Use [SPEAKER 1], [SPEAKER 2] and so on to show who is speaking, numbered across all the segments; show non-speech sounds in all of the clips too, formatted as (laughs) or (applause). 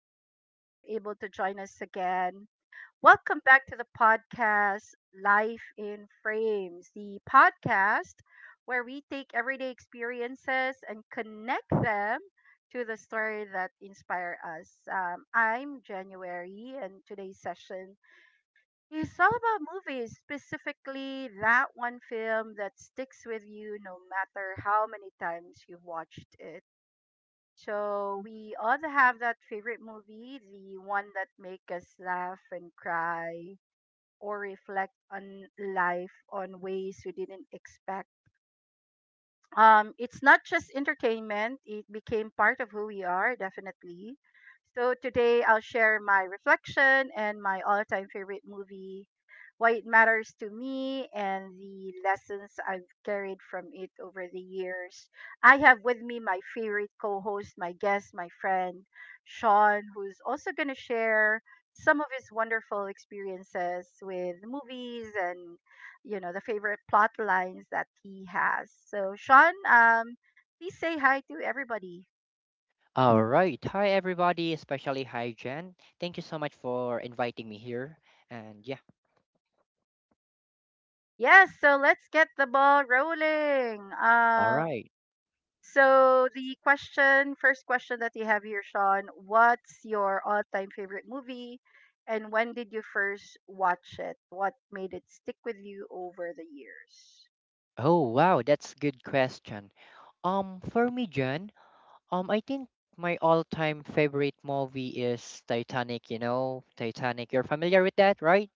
[SPEAKER 1] Glad that you're able to join us again. Welcome back to the podcast Life in Frames, the podcast where we take everyday experiences and connect them to the story that inspire us. I'm January, and today's session it's all about movies, specifically that one film that sticks with you no matter how many times you've watched it. So we all have that favorite movie, the one that make us laugh and cry or reflect on life on ways we didn't expect. It's not just entertainment, it became part of who we are, definitely. So today I'll share my reflection and my all time favorite movie, why it matters to me, and the lessons I've carried from it over the years. I have with me my favorite co host, my guest, my friend, Sean, who's also going to share some of his wonderful experiences with movies and the favorite plot lines that he has. So Sean, please say hi to everybody.
[SPEAKER 2] All right. Hi, everybody, especially hi, Jen. Thank you so much for inviting me here. And yeah,
[SPEAKER 1] Yes, so let's get the ball rolling.
[SPEAKER 2] all right.
[SPEAKER 1] So the question, first question that you have here, Sean, what's your all-time favorite movie, and when did you first watch it? What made it stick with you over the years?
[SPEAKER 2] Oh, wow, that's good question. For me, Jen, I think my all-time favorite movie is Titanic, you know, Titanic. You're familiar with that, right?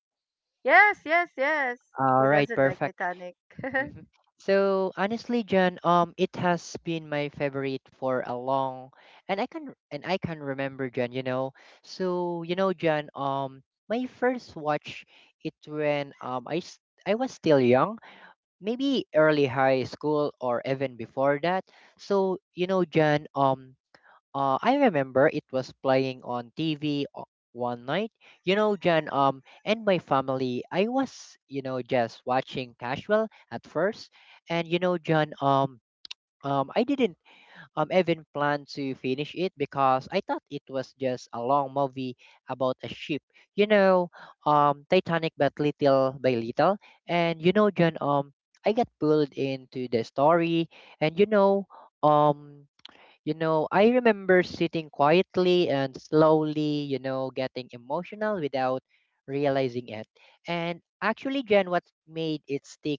[SPEAKER 1] Yes, yes, yes. Who
[SPEAKER 2] All right,
[SPEAKER 1] doesn't like
[SPEAKER 2] perfect.
[SPEAKER 1] Titanic? (laughs)
[SPEAKER 2] Hmm. So honestly, John, it has been my favorite for a long, and I can remember, John. You know, so you know, John, my first watch it when I was still young, maybe early high school or even before that. So you know, John, I remember it was playing on TV one night. You know, Jan, and my family, I was, you know, just watching casual at first. And you know, Jan, I didn't even plan to finish it because I thought it was just a long movie about a ship. You know, Titanic, but little by little. And you know, Jan, I got pulled into the story, and you know, um. You know, I remember sitting quietly and slowly, you know, getting emotional without realizing it. And actually, Jen, what made it stick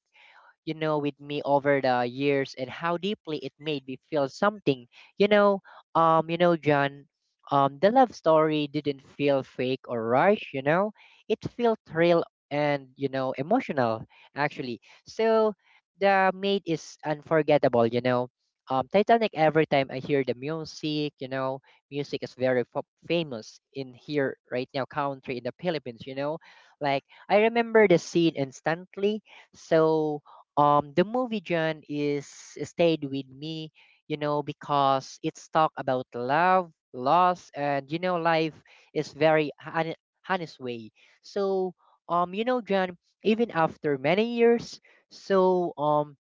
[SPEAKER 2] you know, with me over the years and how deeply it made me feel something. You know, you know, John, the love story didn't feel fake or rushed, you know, it felt real and, you know, emotional actually. So the maid is unforgettable, you know. Titanic, every time I hear the music, you know, music is very famous in here right now, country in the Philippines, you know. Like, I remember the scene instantly. So the movie John is stayed with me you know because it's talk about love loss and you know life is very honest way so you know John even after many years so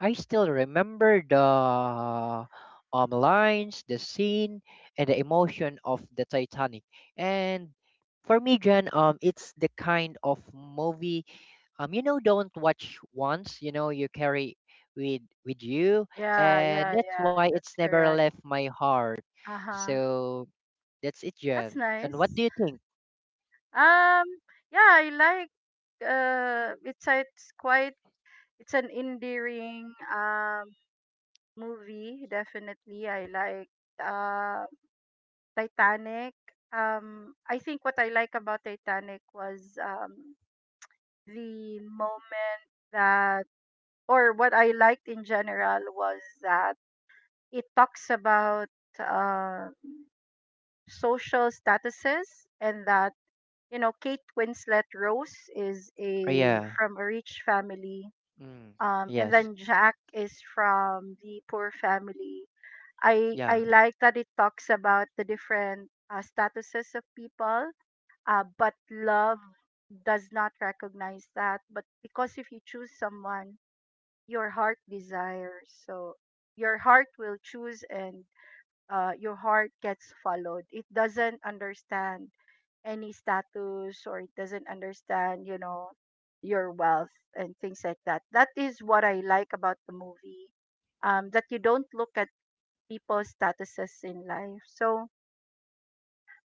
[SPEAKER 2] I still remember the lines the scene and the emotion of the Titanic and for me John it's the kind of movie you know don't watch once you know you carry with you
[SPEAKER 1] Yeah,
[SPEAKER 2] and
[SPEAKER 1] yeah,
[SPEAKER 2] that's
[SPEAKER 1] yeah.
[SPEAKER 2] why it's
[SPEAKER 1] That's
[SPEAKER 2] never
[SPEAKER 1] correct.
[SPEAKER 2] left my heart
[SPEAKER 1] Uh huh.
[SPEAKER 2] so that's it,
[SPEAKER 1] That's
[SPEAKER 2] Jan, and what do
[SPEAKER 1] nice.
[SPEAKER 2] you think?
[SPEAKER 1] Um, yeah, I like it's quite it's an endearing movie, definitely. I like uh Titanic. I think what I like about Titanic was the moment that or what I liked in general was that it talks about um social statuses and that you know Kate Winslet Rose is
[SPEAKER 2] Oh,
[SPEAKER 1] a
[SPEAKER 2] yeah.
[SPEAKER 1] from a rich family
[SPEAKER 2] Mm.
[SPEAKER 1] and
[SPEAKER 2] Yes,
[SPEAKER 1] then Jack is from the poor family. I
[SPEAKER 2] yeah,
[SPEAKER 1] like that it talks about the different statuses of people, but love does not recognize that, but because if you choose someone your heart desires so your heart will choose and your heart gets followed. It doesn't understand any status, or it doesn't understand, you know, your wealth and things like that. That is what I like about the movie. That you don't look at people's statuses in life. So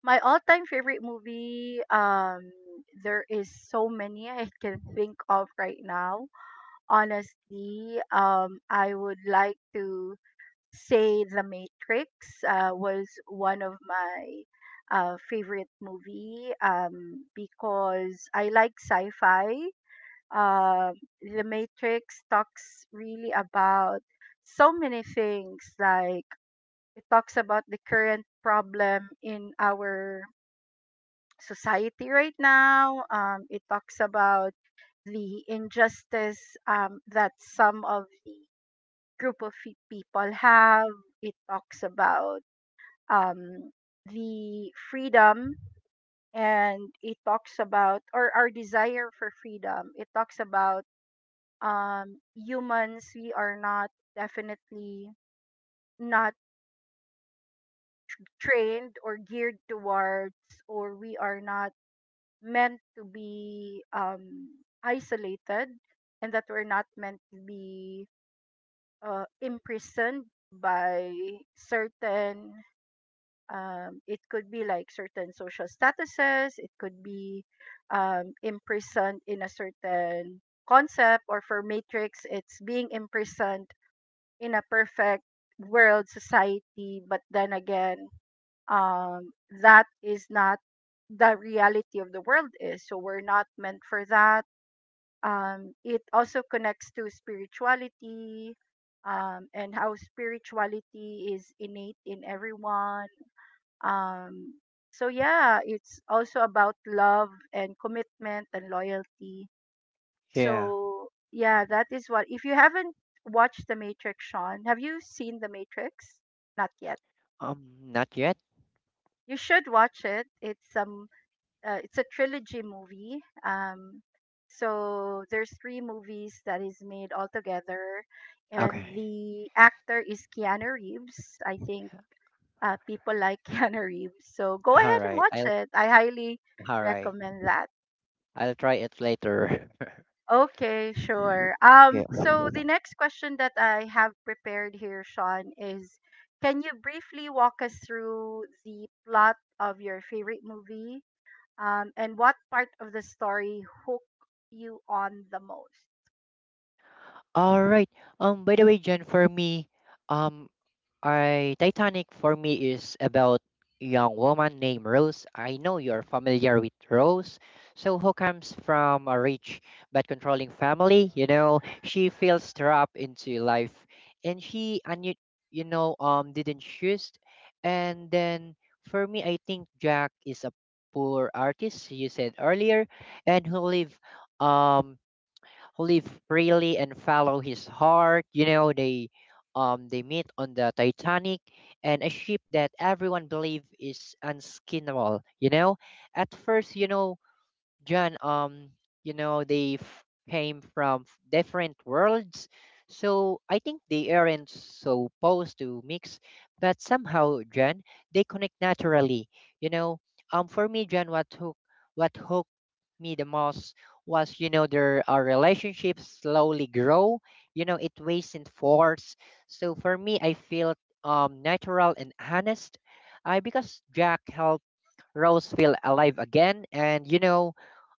[SPEAKER 1] my all-time favorite movie, there is so many (laughs) I can think of right now. Honestly, I would like to say The Matrix was one of my favorite movie because I like sci-fi. Uh, the Matrix talks really about so many things. Like it talks about the current problem in our society right now. It talks about the injustice that some of the group of people have. It talks about um, the freedom and it talks about or our desire for freedom. It talks about humans, we are not definitely not trained or geared towards, or we are not meant to be isolated, and that we're not meant to be imprisoned by certain it could be like certain social statuses, it could be imprisoned in a certain concept, or for matrix it's being imprisoned in a perfect world society. But then again, um, that is not the reality of the world is, so we're not meant for that. It also connects to spirituality and how spirituality is innate in everyone. um, so yeah, it's also about love and commitment and loyalty.
[SPEAKER 2] yeah.
[SPEAKER 1] So yeah, that is what. If you haven't watched The Matrix, Sean, have you seen The Matrix? Not yet.
[SPEAKER 2] Not yet.
[SPEAKER 1] You should watch it. It's a trilogy movie. Um, so there's three movies that is made altogether, and
[SPEAKER 2] Okay.
[SPEAKER 1] the actor is Keanu Reeves. I think
[SPEAKER 2] (laughs)
[SPEAKER 1] people like (laughs) Keanu Reeves. So go
[SPEAKER 2] All
[SPEAKER 1] ahead and
[SPEAKER 2] right,
[SPEAKER 1] watch
[SPEAKER 2] I'll
[SPEAKER 1] it. I highly
[SPEAKER 2] all right,
[SPEAKER 1] recommend that.
[SPEAKER 2] I'll try it later. (laughs)
[SPEAKER 1] Okay, sure.
[SPEAKER 2] Yeah,
[SPEAKER 1] So the next question that I have prepared here, Sean, is can you briefly walk us through the plot of your favorite movie? And what part of the story hooked you on the most?
[SPEAKER 2] all right. By the way, Jen, for me, um I Titanic for me is about a young woman named Rose. I know you're familiar with Rose. So who comes from a rich but controlling family, you know, she feels trapped into life and she and you know didn't choose, and then for me I think Jack is a poor artist you said earlier and who live um live freely and follow his heart. You know, they meet on the Titanic and a ship that everyone believe is unskinnable, you know? At first, you know, John, you know, they came from different worlds, so I think they aren't supposed to mix, but somehow, John, they connect naturally. You know, for me, John, what hooked me the most was, you know, their our relationships slowly grow. You know, it wasn't forced. So for me, I feel natural and honest. I because Jack helped Rose feel alive again, and you know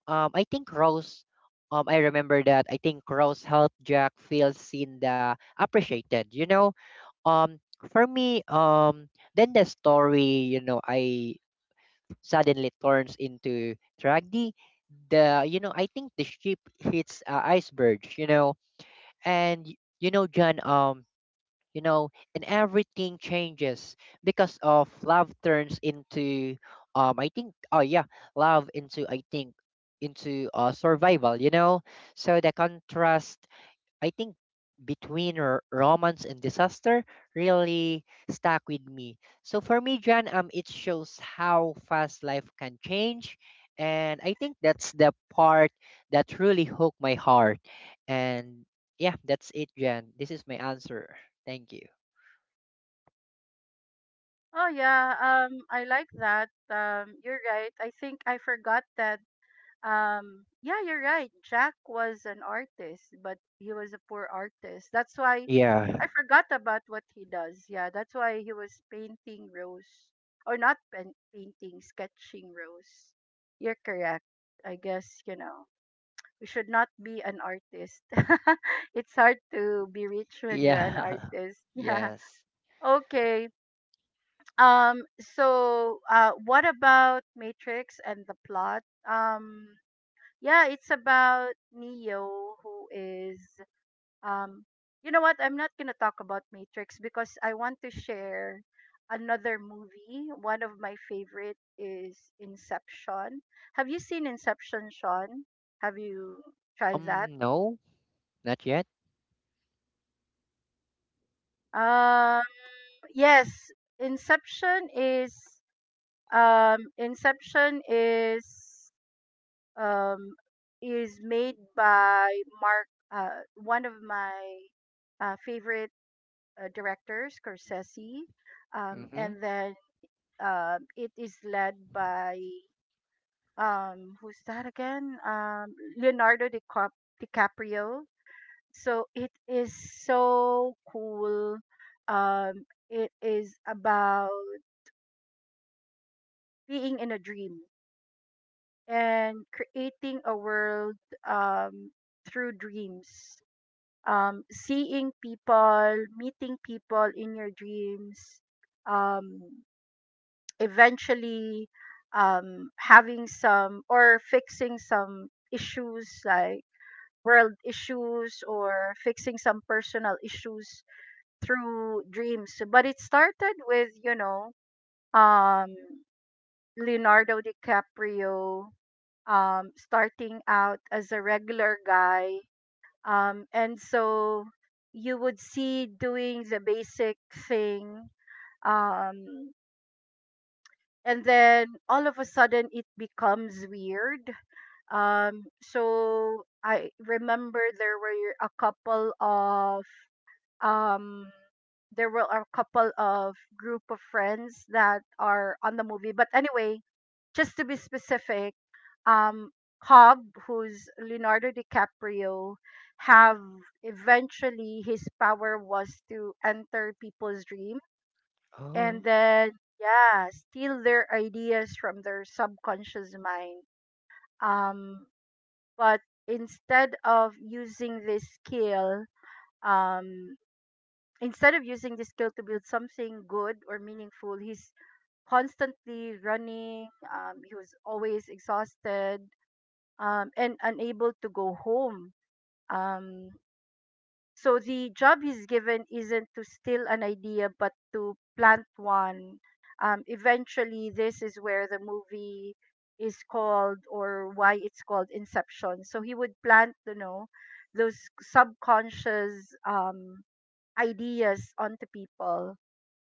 [SPEAKER 2] I think Rose. I remember that. I think Rose helped Jack feel seen, the appreciated. You know, um, for me, then the story, you know, I suddenly turns into tragedy. The you know, I think the ship hits iceberg. You know, and you know, John. You know, and everything changes because of love turns into, I think, oh yeah, love into, into survival, you know. So the contrast, I think, between romance and disaster really stuck with me. So for me, John, it shows how fast life can change. And I think that's the part that really hooked my heart. And yeah, that's it, Jan. This is my answer. Thank you.
[SPEAKER 1] Oh yeah, I like that. You're right. I think I forgot that. Yeah, you're right. Jack was an artist, but he was a poor artist. That's why I
[SPEAKER 2] Yeah.
[SPEAKER 1] forgot about what he does. Yeah, that's why he was painting Rose, or not pen- painting, sketching Rose. You're correct. I guess, you know, we should not be an artist. (laughs) It's hard to be rich when you're an
[SPEAKER 2] Yeah.
[SPEAKER 1] artist. (laughs)
[SPEAKER 2] (laughs)
[SPEAKER 1] Yeah.
[SPEAKER 2] Yes.
[SPEAKER 1] Okay. So what about Matrix and the plot? Um, yeah, it's about Neo who is um you know what? I'm not going to talk about Matrix because I want to share another movie. One of my favorite is Inception. Have you seen Inception, Sean? Have you tried that?
[SPEAKER 2] No, not yet.
[SPEAKER 1] Um yes, Inception is Inception um is made by Mark one of my favorite director Scorsese,
[SPEAKER 2] Mm-hmm.
[SPEAKER 1] and then it is led by who's that again? DiCaprio. So it is so cool. Um, it is about being in a dream and creating a world um, through dreams. Seeing people, meeting people in your dreams, um, eventually having some or fixing some issues like world issues or fixing some personal issues through dreams. But it started with, you know, um, Leonardo DiCaprio starting out as a regular guy. And so you would see doing the basic thing. Um, and then all of a sudden it becomes weird. So I remember there were a couple of um there were a couple of group of friends that are on the movie, but anyway, just to be specific, um Cobb, who's Leonardo DiCaprio, have eventually his power was to enter people's dream and
[SPEAKER 2] Oh,
[SPEAKER 1] then yeah steal their ideas from their subconscious mind. um but instead of using this skill um instead of using this skill to build something good or meaningful, he's constantly running. He was always exhausted and unable to go home. um So the job he's given isn't to steal an idea, but to plant one. Eventually, this is where the movie is called, or why it's called Inception. So he would plant, you know, those subconscious ideas onto people.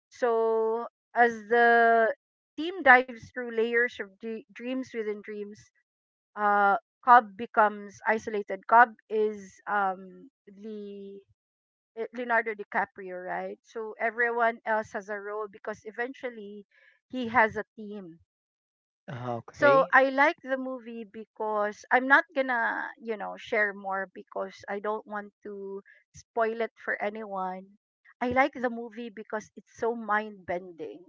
[SPEAKER 1] So as the team dives through layers of dreams within dreams, uh, Cobb becomes isolated. Cobb is the Leonardo DiCaprio, right? So everyone else has a role because eventually he has a team. So
[SPEAKER 2] okay.
[SPEAKER 1] I like the movie because I'm not gonna, you know, share more because I don't want to spoil it for anyone. I like the movie because it's so mind bending.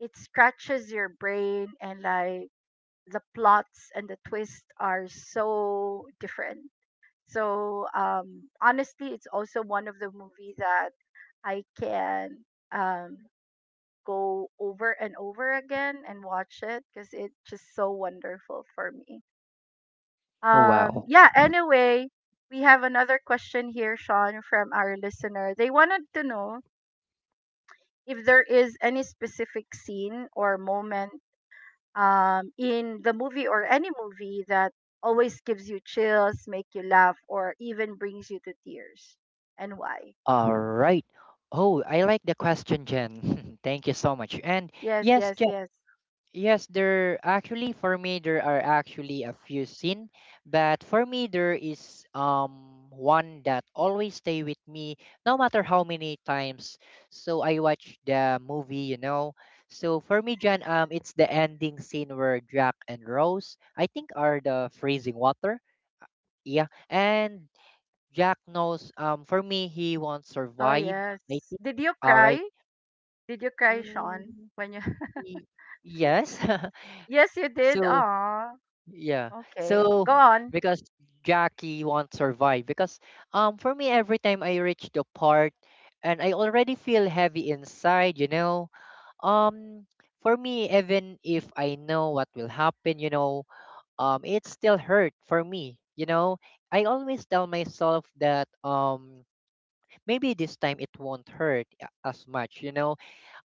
[SPEAKER 1] It scratches your brain, and like the plots and the twists are so different. So honestly it's also one of the movie that I can um, go over and over again and watch it because it's just so wonderful for me.
[SPEAKER 2] Oh, wow.
[SPEAKER 1] Yeah, anyway, we have another question here, Sean, from our listener. They wanted to know if there is any specific scene or moment in the movie or any movie that always gives you chills, make you laugh, or even brings you to tears, and why.
[SPEAKER 2] All right. Oh, I like the question, Jen. (laughs) Thank you so much. And
[SPEAKER 1] Yes,
[SPEAKER 2] yes,
[SPEAKER 1] yes, yes.
[SPEAKER 2] yes, there actually for me there are actually a few scene, but for me there is one that always stay with me no matter how many times. So I watch the movie, you know. So for me, John, it's the ending scene where Jack and Rose, I think, are the freezing water. Yeah, and Jack knows. For me, he won't
[SPEAKER 1] Oh,
[SPEAKER 2] survive. I
[SPEAKER 1] yes.
[SPEAKER 2] think.
[SPEAKER 1] Did you
[SPEAKER 2] All
[SPEAKER 1] cry?
[SPEAKER 2] right.
[SPEAKER 1] Did you cry, Sean?
[SPEAKER 2] Mm,
[SPEAKER 1] When you
[SPEAKER 2] y-
[SPEAKER 1] (laughs)
[SPEAKER 2] yes. (laughs)
[SPEAKER 1] Yes, you did.
[SPEAKER 2] So
[SPEAKER 1] Ah,
[SPEAKER 2] yeah.
[SPEAKER 1] okay.
[SPEAKER 2] So
[SPEAKER 1] Go on.
[SPEAKER 2] because Jackie won't survive because for me every time I reach the part and I already feel heavy inside, you know. Um for me even if I know what will happen, you know, it still hurt for me, you know. I always tell myself that maybe this time it won't hurt as much, you know,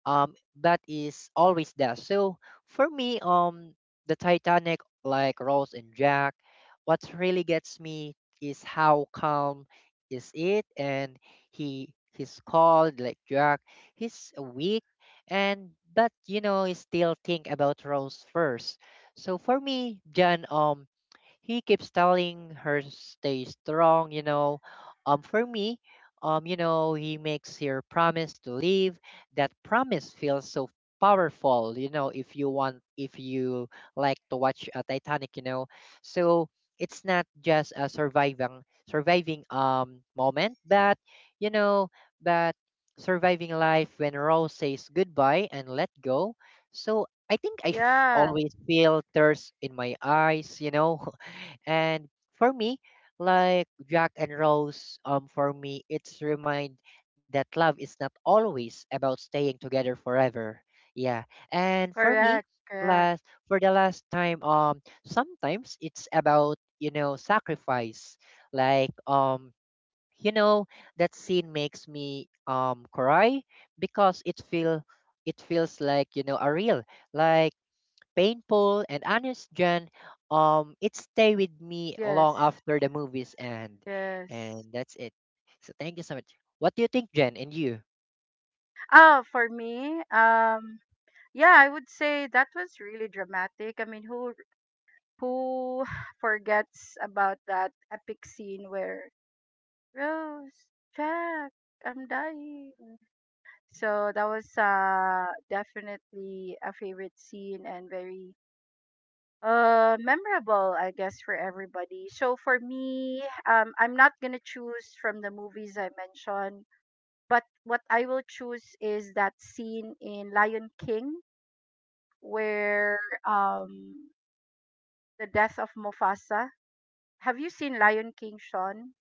[SPEAKER 2] um that is always there, so for me, the Titanic, like Rose and Jack, what really gets me is how calm is it, and he's called like Jack, he's weak, and but you know he still think about Rose first. So for me, John, he keeps telling her stay strong, you know, for me, you know, he makes her promise to leave, that promise feels so powerful, you know, if you like to watch Titanic, you know, so it's not just a surviving surviving moment, but you know, but surviving life when Rose says goodbye and let go. So I think I
[SPEAKER 1] Yeah,
[SPEAKER 2] always feel tears in my eyes, you know. (laughs) And for me, like Jack and Rose, for me, it's remind that love is not always about staying together forever. Yeah. And for me,
[SPEAKER 1] correct, correct.
[SPEAKER 2] last for the last time, sometimes it's about, you know, sacrifice. Like, you know, that scene makes me cry because it feels like, you know, a real like painful and honest, Jan, it stay with me long
[SPEAKER 1] Yes,
[SPEAKER 2] after the movies end,
[SPEAKER 1] yes.
[SPEAKER 2] and that's it. So thank you so much. What do you think, Jen, and you?
[SPEAKER 1] Oh, for me, yeah, I would say that was really dramatic. I mean, who (sighs) forgets about that epic scene where Rose, Jack, I'm dying. So that was definitely a favorite scene and very memorable, I guess, for everybody. So for me, I'm not gonna choose from the movies I mentioned, but what I will choose is that scene in Lion King where um the death of Mufasa. Have you seen Lion King, Sean?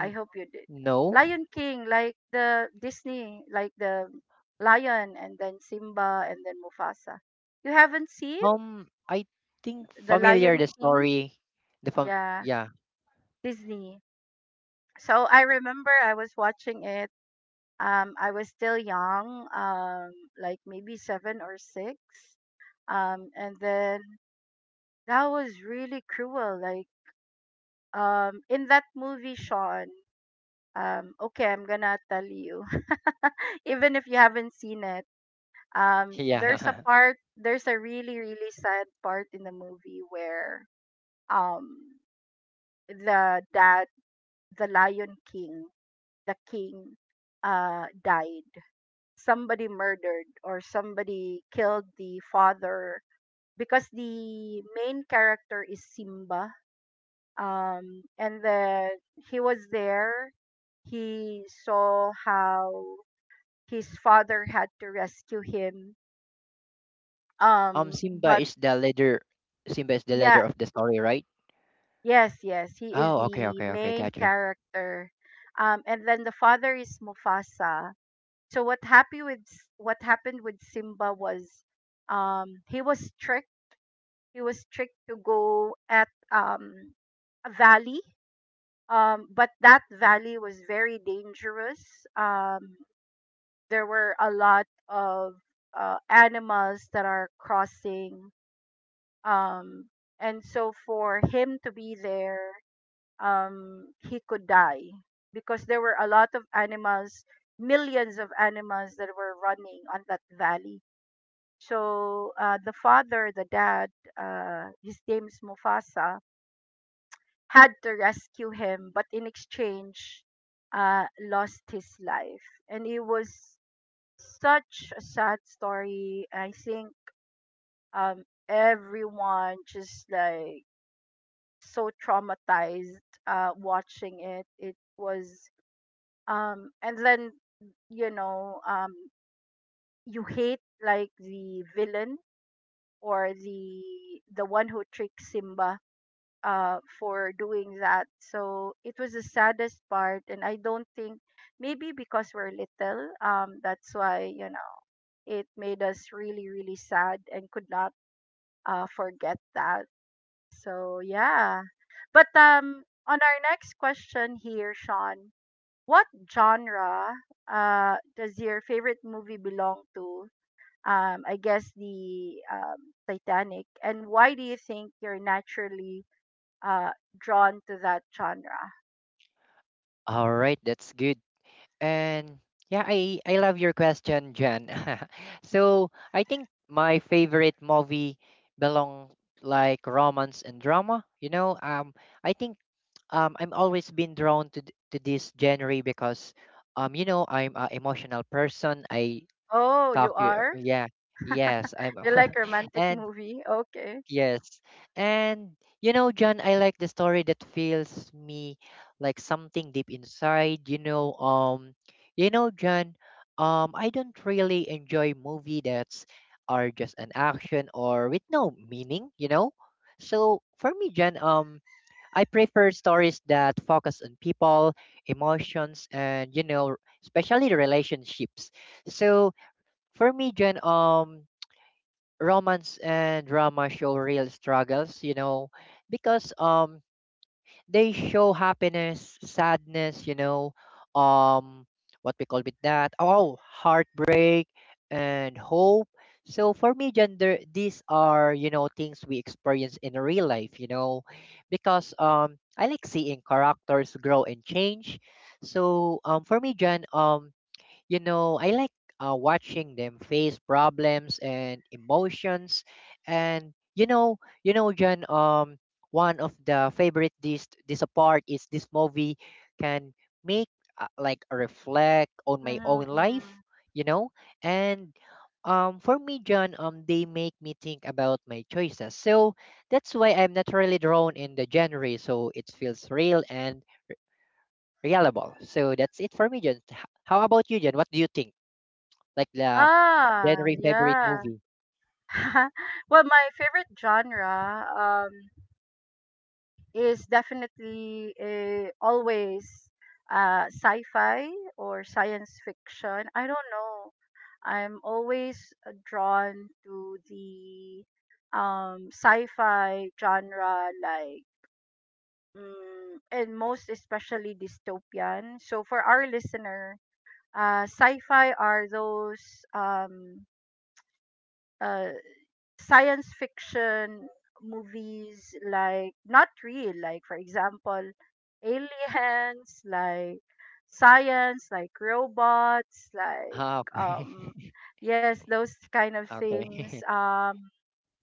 [SPEAKER 1] I hope you did.
[SPEAKER 2] no.
[SPEAKER 1] Lion King, like the Disney, like the lion and then Simba and then Mufasa. You haven't seen
[SPEAKER 2] I think
[SPEAKER 1] the
[SPEAKER 2] familiar
[SPEAKER 1] Lion
[SPEAKER 2] the
[SPEAKER 1] King?
[SPEAKER 2] story. The fam
[SPEAKER 1] Yeah,
[SPEAKER 2] Yeah,
[SPEAKER 1] Disney. So I remember I was watching it. I was still young, like maybe 7 or 6. And then that was really cruel. Like in that movie, Sean. Okay, I'm gonna tell you, (laughs) even if you haven't seen it.
[SPEAKER 2] (laughs)
[SPEAKER 1] There's a
[SPEAKER 2] yeah.
[SPEAKER 1] part, there's a really really sad part in the movie where um the dad, the Lion King, the king, died. Somebody murdered or somebody killed the father because the main character is Simba. And then he was there. He saw how his father had to rescue him.
[SPEAKER 2] Simba
[SPEAKER 1] But
[SPEAKER 2] is the leader. Simba is the
[SPEAKER 1] yeah,
[SPEAKER 2] leader of the story, right?
[SPEAKER 1] yes, yes, he is
[SPEAKER 2] Oh, okay,
[SPEAKER 1] the
[SPEAKER 2] okay, okay.
[SPEAKER 1] main
[SPEAKER 2] Gotcha.
[SPEAKER 1] character. And then the father is Mufasa. So what happened with Simba was um, he was tricked he was tricked to go at a valley. But that valley was very dangerous. Um, there were a lot of animals that are crossing. Um, and so for him to be there, he could die because there were a lot of animals, millions of animals that were running on that valley. So the father, the dad, his name's Mufasa, had to rescue him, but in exchange, uh, lost his life. And it was such a sad story. I think everyone just like so traumatized watching it. It was, and then, you know, you hate like the villain or the one who tricks Simba for doing that. So it was the saddest part, and I don't think maybe because we're little, that's why it made us really, really sad and could not forget that. So yeah. But on our next question here, Sean, what genre does your favorite movie belong to? I guess the Titanic. And why do you think you're naturally uh, drawn to that genre?
[SPEAKER 2] All right, that's good. And yeah, I love your question, Jan. (laughs) So I think my favorite movie belong like romance and drama. You know, I think I'm always been drawn to to this genre because you know I'm an emotional person. I
[SPEAKER 1] Oh,
[SPEAKER 2] talk
[SPEAKER 1] you
[SPEAKER 2] to
[SPEAKER 1] are?
[SPEAKER 2] yeah yes I'm.
[SPEAKER 1] You like
[SPEAKER 2] (laughs)
[SPEAKER 1] romantic
[SPEAKER 2] And
[SPEAKER 1] movie? Okay.
[SPEAKER 2] yes. And you know, John, I like the story that feels me like something deep inside, you know, John, I don't really enjoy movie that's are just an action or with no meaning, you know? So for me, John, I prefer stories that focus on people, emotions and you know, especially relationships. So for me, John, romance and drama show real struggles, you know, because they show happiness, sadness, you know, um what we call it that, oh, heartbreak and hope. So for me, gender, these are you know things we experience in real life, you know, because I like seeing characters grow and change. So for me, Jan, you know, I like watching them face problems and emotions. And you know, John. One of the favorite this part is this movie can make like reflect on my own
[SPEAKER 1] Mm-hmm.
[SPEAKER 2] life. You know, and for me, John, they make me think about my choices. So that's why I'm not really drawn in the genre. So it feels real and reliable. So that's it for me, John. How about you, John? What do you think? Like the
[SPEAKER 1] Ah,
[SPEAKER 2] January favorite
[SPEAKER 1] yeah.
[SPEAKER 2] movie.
[SPEAKER 1] (laughs) Well, my favorite genre is definitely always sci-fi or science fiction. I don't know. I'm always drawn to the sci-fi genre, like and most especially dystopian. So for our listener, sci-fi are those um, uh, science fiction movies, like not real, like for example, aliens, like science, like robots, like
[SPEAKER 2] Ah,
[SPEAKER 1] um,
[SPEAKER 2] okay.
[SPEAKER 1] yes, those kind of
[SPEAKER 2] (laughs)
[SPEAKER 1] things.
[SPEAKER 2] Okay. (laughs)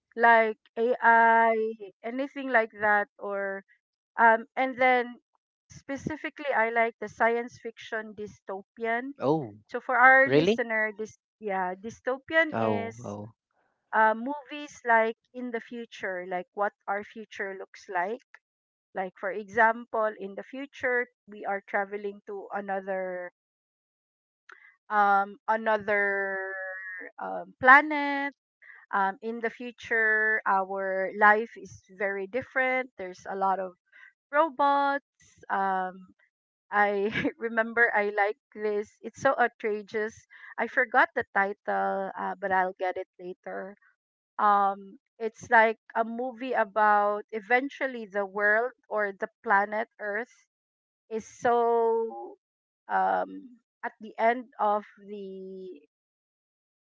[SPEAKER 1] Like AI, anything like that, or and then specifically, I like the science fiction dystopian.
[SPEAKER 2] Oh,
[SPEAKER 1] So for our
[SPEAKER 2] really?
[SPEAKER 1] listener, this, yeah, dystopian
[SPEAKER 2] Oh,
[SPEAKER 1] is
[SPEAKER 2] oh.
[SPEAKER 1] movies like in the future, like what our future looks like. Like for example, in the future, we are traveling to another um another planet. In the future, our life is very different. There's a lot of robots. I (laughs) remember I like this. It's so outrageous. I forgot the title, but I'll get it later. It's like a movie about eventually the world or the planet Earth is so um, at the end of the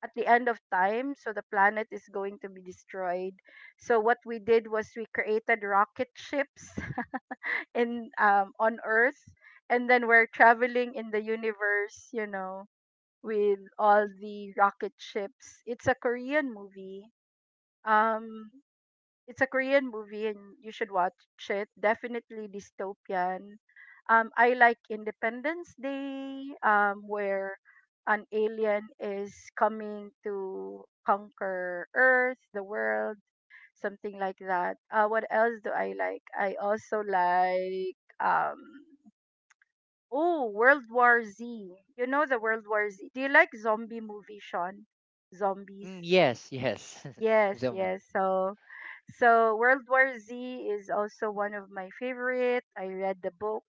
[SPEAKER 1] at the end of time, so the planet is going to be destroyed. So what we did was we created rocket ships (laughs) in on earth, and then we're traveling in the universe, you know, with all the rocket ships. It's a Korean movie. um it's a Korean movie, and you should watch it. Definitely dystopian. I like Independence Day, where an alien is coming to conquer earth, the world, something like that. What else do I like? I also like, oh, World War Z. You know the World War Z. Do you like zombie movie, Sean? Zombies.
[SPEAKER 2] Mm, yes, yes. (laughs)
[SPEAKER 1] Yes,
[SPEAKER 2] Zombie.
[SPEAKER 1] yes. So, so World War Z is also one of my favorite. I read the book.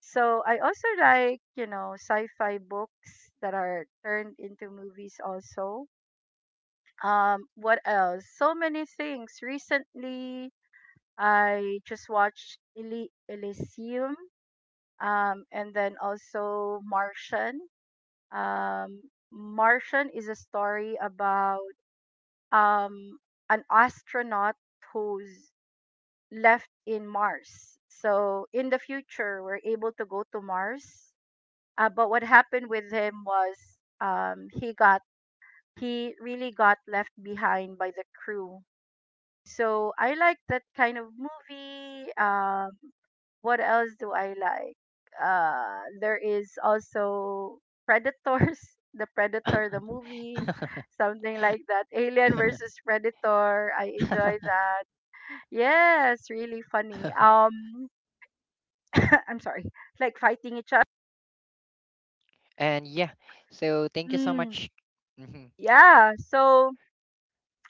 [SPEAKER 1] So I also like, you know, sci-fi books that are turned into movies also. What else? So many things. Recently, I just watched *Eli Elysium, and then also Martian. Um, Martian is a story about um, an astronaut who's left in Mars. So in the future, we're able to go to Mars. But what happened with him was um, he got he really got left behind by the crew. So I like that kind of movie. What else do I like? There is also Predators, (laughs) the Predator, the movie, something like that. Alien versus Predator. I enjoy that. Yes, really funny.
[SPEAKER 2] (laughs)
[SPEAKER 1] (coughs) I'm sorry, like fighting each other.
[SPEAKER 2] And yeah, so thank you so
[SPEAKER 1] Mm,
[SPEAKER 2] much. Mhm.
[SPEAKER 1] yeah. So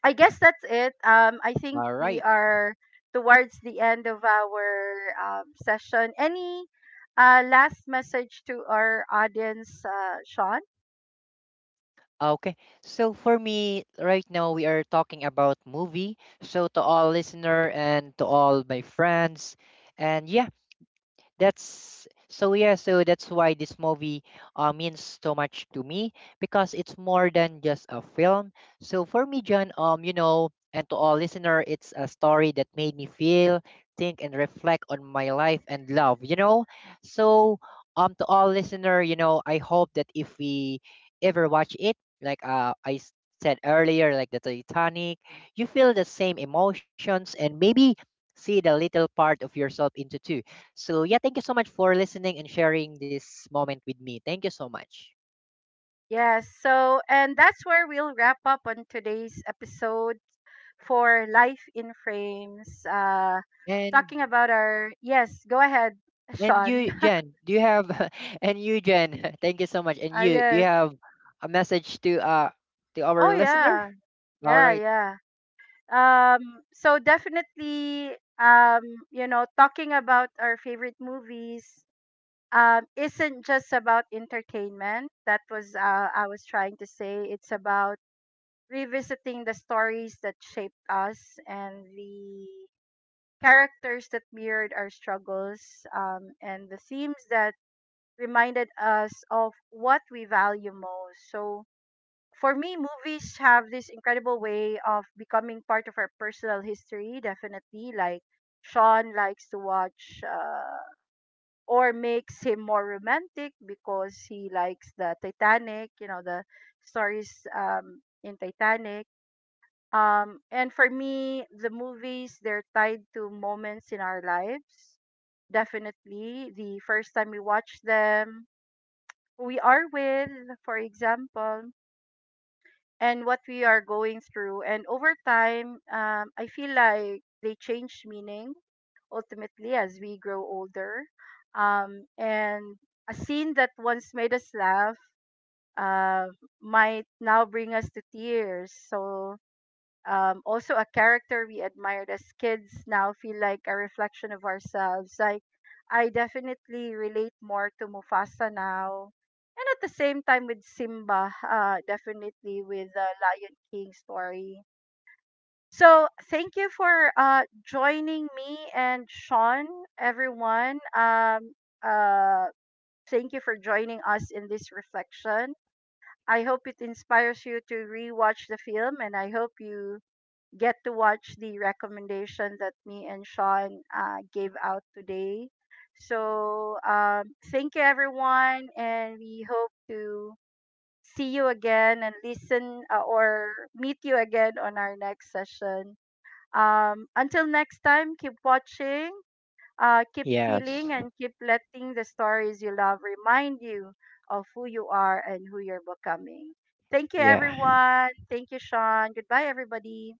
[SPEAKER 1] I guess that's it. I think
[SPEAKER 2] All
[SPEAKER 1] we
[SPEAKER 2] right.
[SPEAKER 1] are towards the end of our session. Any last message to our audience, Sean?
[SPEAKER 2] Okay. So for me, right now we are talking about movie. So to all listener and to all my friends, and yeah, that's so yeah so that's why this movie means so much to me because it's more than just a film. So for me, John, you know, and to all listener it's a story that made me feel think and reflect on my life and love, you know. So to all listener, you know, I hope that if we ever watch it, like said earlier, like the Titanic, you feel the same emotions and maybe see the little part of yourself into too. So, yeah, thank you so much for listening and sharing this moment with me. Thank you so much.
[SPEAKER 1] Yes. So, and that's where we'll wrap up on today's episode for Life in Frames.
[SPEAKER 2] And
[SPEAKER 1] Talking about our, yes, go ahead, (laughs)
[SPEAKER 2] and
[SPEAKER 1] Sean.
[SPEAKER 2] you,
[SPEAKER 1] (laughs)
[SPEAKER 2] Jen, do you have (laughs) and you, Jen, (laughs) thank you so much. And you, do you
[SPEAKER 1] Yes.
[SPEAKER 2] have a message to
[SPEAKER 1] Oh
[SPEAKER 2] our listener?
[SPEAKER 1] yeah,
[SPEAKER 2] All
[SPEAKER 1] yeah,
[SPEAKER 2] right.
[SPEAKER 1] yeah. So definitely, um you know, talking about our favorite movies isn't just about entertainment. That was, I was trying to say, it's about revisiting the stories that shaped us and the characters that mirrored our struggles, and the themes that reminded us of what we value most. So for me, movies have this incredible way of becoming part of our personal history, definitely. Like, Sean likes to watch, or makes him more romantic because he likes the Titanic, you know, the stories in Titanic. And for me, the movies, they're tied to moments in our lives. Definitely. The first time we watch them, who we are with, for example, and what we are going through. And over time, I feel like they change meaning ultimately as we grow older. And a scene that once made us laugh uh, might now bring us to tears. So also a character we admired as kids now feel like a reflection of ourselves. Like I definitely relate more to Mufasa now, and at the same time with Simba, definitely with the Lion King story. So thank you for joining me and Sean, everyone. Uh, thank you for joining us in this reflection. I hope it inspires you to rewatch the film, and I hope you get to watch the recommendation that me and Sean gave out today. So, thank you, everyone, and we hope to see you again and listen, or meet you again on our next session. Until next time, keep watching, keep feeling,
[SPEAKER 2] Yes.
[SPEAKER 1] and keep letting the stories you love remind you of who you are and who you're becoming. Thank you,
[SPEAKER 2] Yeah.
[SPEAKER 1] everyone. Thank you, Sean. Goodbye, everybody.